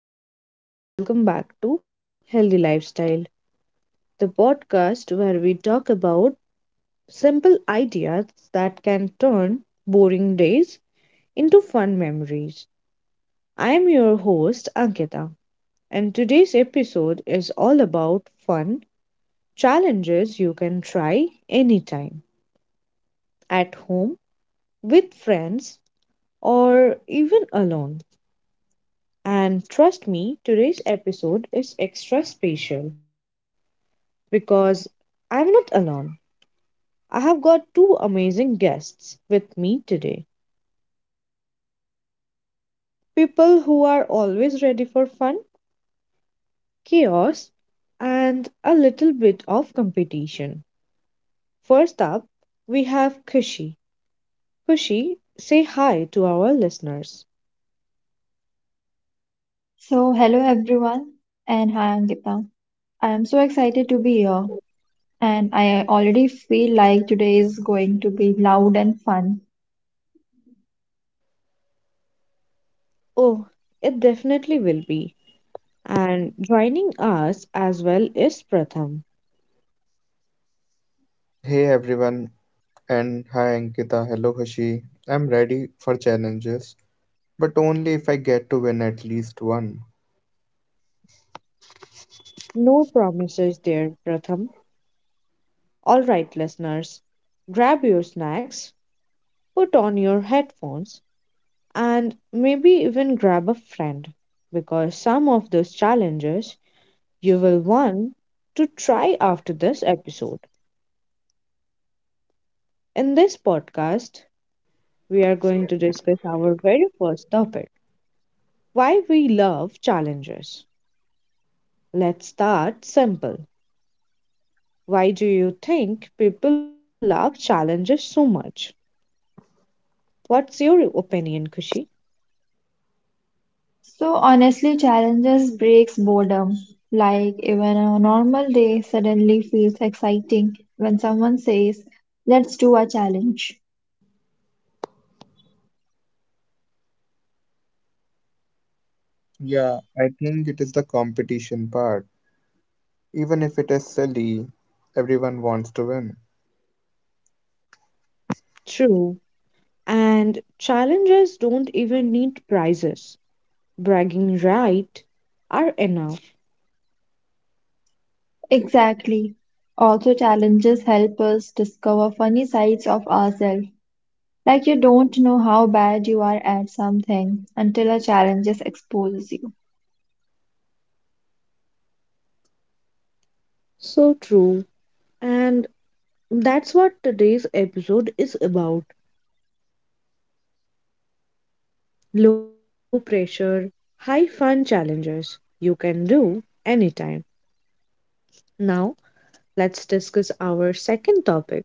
hello everyone. Welcome back to Healthy Lifestyle, the podcast where we talk about simple ideas that can turn boring days into fun memories. I am your host Ankita, and today's episode is all about fun challenges you can try anytime at home, with friends, or even alone. And trust me, today's episode is extra special because I'm not alone. I have got two amazing guests with me today. People who are always ready for fun, chaos, and a little bit of competition. First up, we have Kushi. Kushi, say hi to our listeners. So, hello everyone, and hi Ankita. I am so excited to be here, and I already feel like today is going to be loud and fun. Oh, it definitely will be. And joining us as well is Pratham. Hey everyone, and hi Ankita, hello Hashi. I'm ready for challenges, but only if I get to win at least one. No promises there, Pratham. All right, listeners, grab your snacks, put on your headphones, and maybe even grab a friend because some of those challenges you will want to try after this episode. In this podcast, we are going to discuss our very first topic: why we love challenges. Let's start simple. Why do you think people love challenges so much? What's your opinion, Kushi? So, honestly, challenges breaks boredom. Like, even a normal day suddenly feels exciting when someone says, let's do a challenge. Yeah, I think it is the competition part. Even if it is silly, everyone wants to win. True. And challenges don't even need prizes, bragging right are enough. Exactly. Also, challenges help us discover funny sides of ourselves. Like, you don't know how bad you are at something until a challenge just exposes you. So true. And that's what today's episode is about: low pressure, high fun challenges you can do anytime. Now, let's discuss our second topic: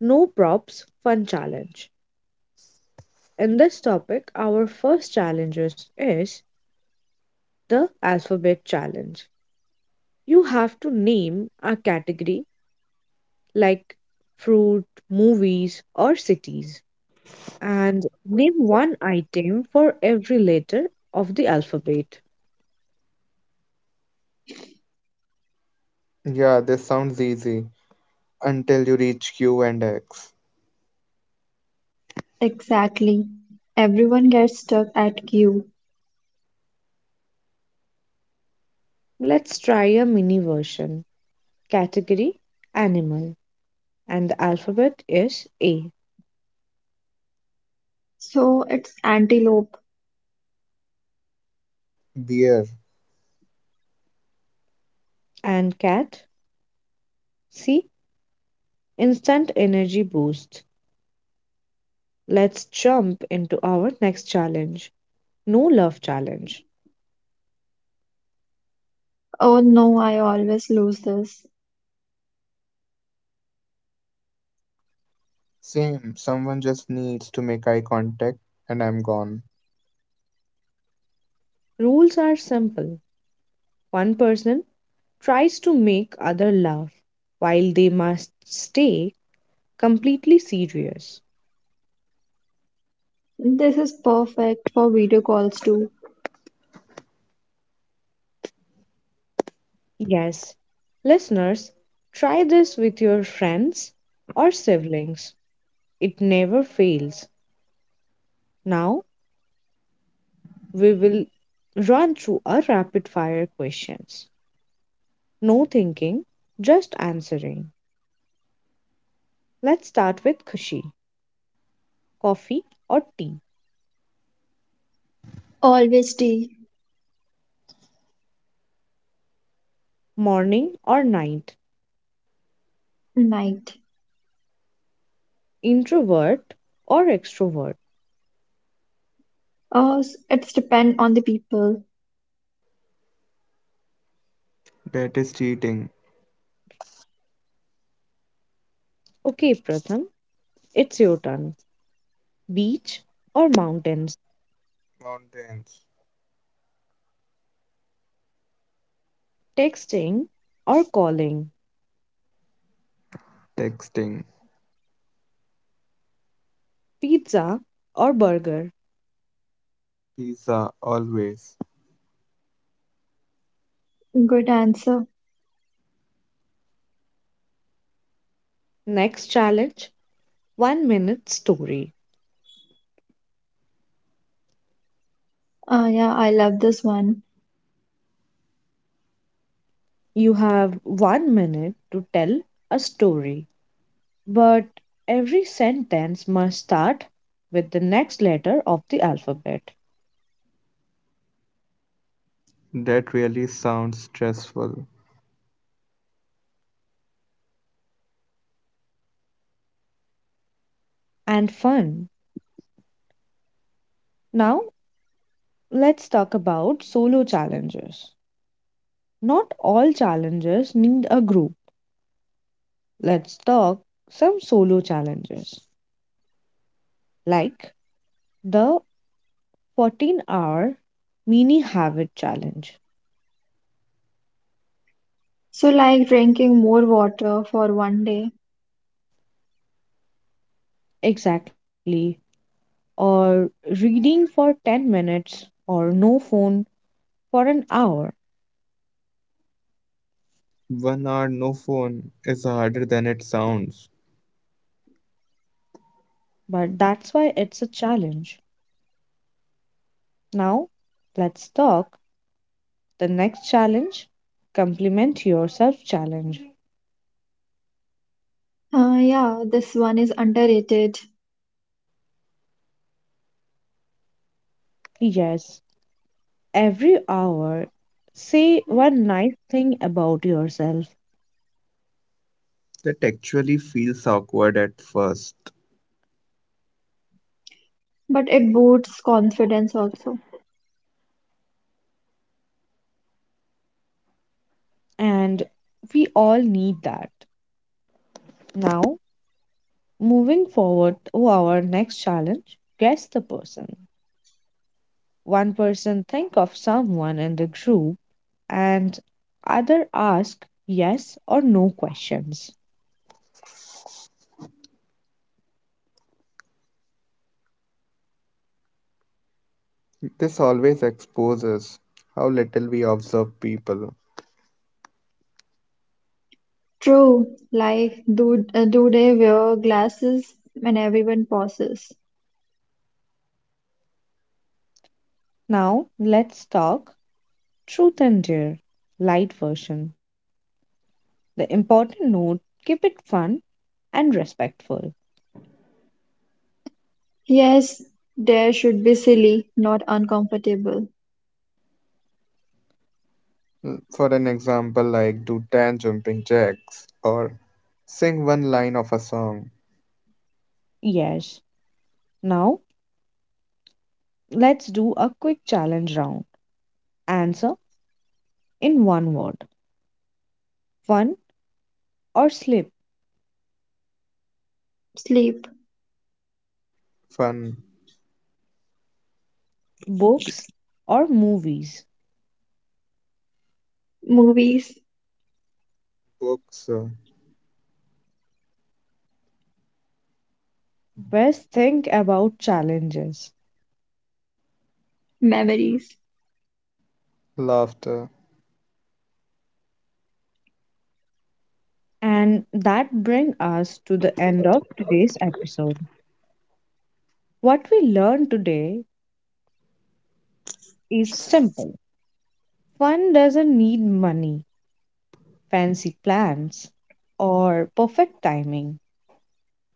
no props fun challenge. In this topic, our first challenges is the alphabet challenge. You have to name a category like fruit, movies, or cities, and name one item for every letter of the alphabet. Yeah, this sounds easy until you reach Q and X. Exactly. Everyone gets stuck at Q. Let's try a mini version. Category animal, and the alphabet is A. So it's antelope. Beer. And cat, C. Instant energy boost. Let's jump into our next challenge: no love challenge. Oh no, I always lose this. Same, someone just needs to make eye contact, and I'm gone. Rules are simple. One person tries to make other laugh while they must stay completely serious. This is perfect for video calls too. Yes. Listeners, try this with your friends or siblings. It never fails. Now we will run through a rapid fire questions. No thinking, just answering. Let's start with Kushi. Coffee or tea? Always day, Morning or night? night. Introvert or extrovert? Oh, it's depend on the people. That is cheating. Okay, Pratham, it's your turn. Beach or mountains? Mountains. Texting or calling? Texting. Pizza or burger. Pizza, always. Good answer. Next challenge: 1 minute story. Yeah, I love this one. You have 1 minute to tell a story, but every sentence must start with the next letter of the alphabet. That really sounds stressful. And fun. Now, let's talk about solo challenges. Not all challenges need a group. Let's talk some solo challenges, like the 14-hour mini habit challenge. So like drinking more water for one day. Exactly, or reading for 10 minutes or no phone for an hour. 1 hour no phone is harder than it sounds. But that's why it's a challenge. Now, let's talk the next challenge: compliment yourself challenge. Yeah, this one is underrated, Yes, every hour say one nice thing about yourself, That actually feels awkward at first. but it boosts confidence also. and we all need that. Now, moving forward to our next challenge: guess the person. One person think of someone in the group and other ask yes or no questions. This always exposes how little we observe people. True, like do they wear glasses when everyone pauses? Now let's talk truth and dare, light version. The important note: keep it fun and respectful. Yes, there should be silly, not uncomfortable. For an example, like do 10 jumping jacks or sing one line of a song. Yes. Now let's do a quick challenge round. Answer in one word: fun or slip, Sleep, Fun, books or movies. movies, books, Best think about challenges. memories. laughter, And that brings us to the end of today's episode. What we learned today is simple. Fun doesn't need money, fancy plans, or perfect timing.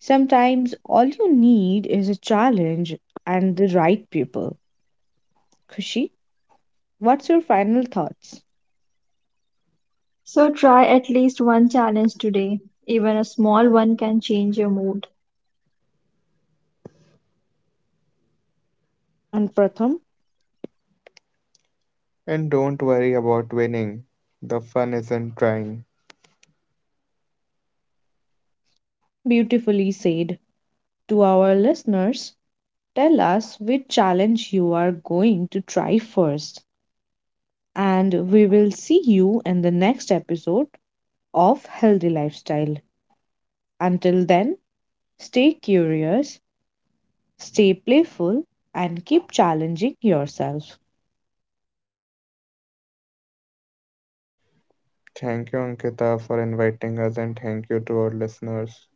Sometimes all you need is a challenge and the right people. Kushi, what's your final thoughts? So try at least one challenge today. Even a small one can change your mood. And Pratham, and don't worry about winning. The fun isn't trying. beautifully said. To our listeners, tell us which challenge you are going to try first. And we will see you in the next episode of Healthy Lifestyle. Until then, stay curious, stay playful, and keep challenging yourself. Thank you, Ankita, for inviting us, and thank you to our listeners.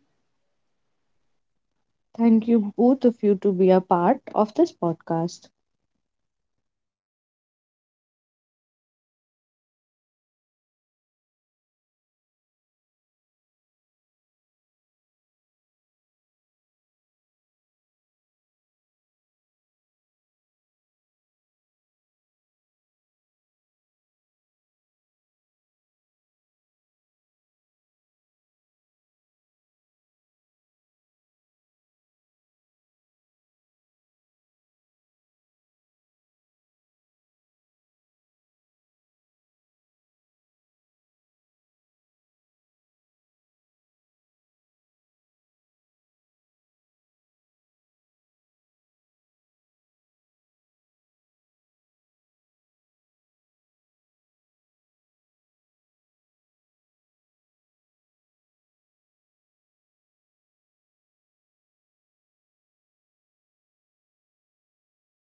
Thank you, both of you, to be a part of this podcast.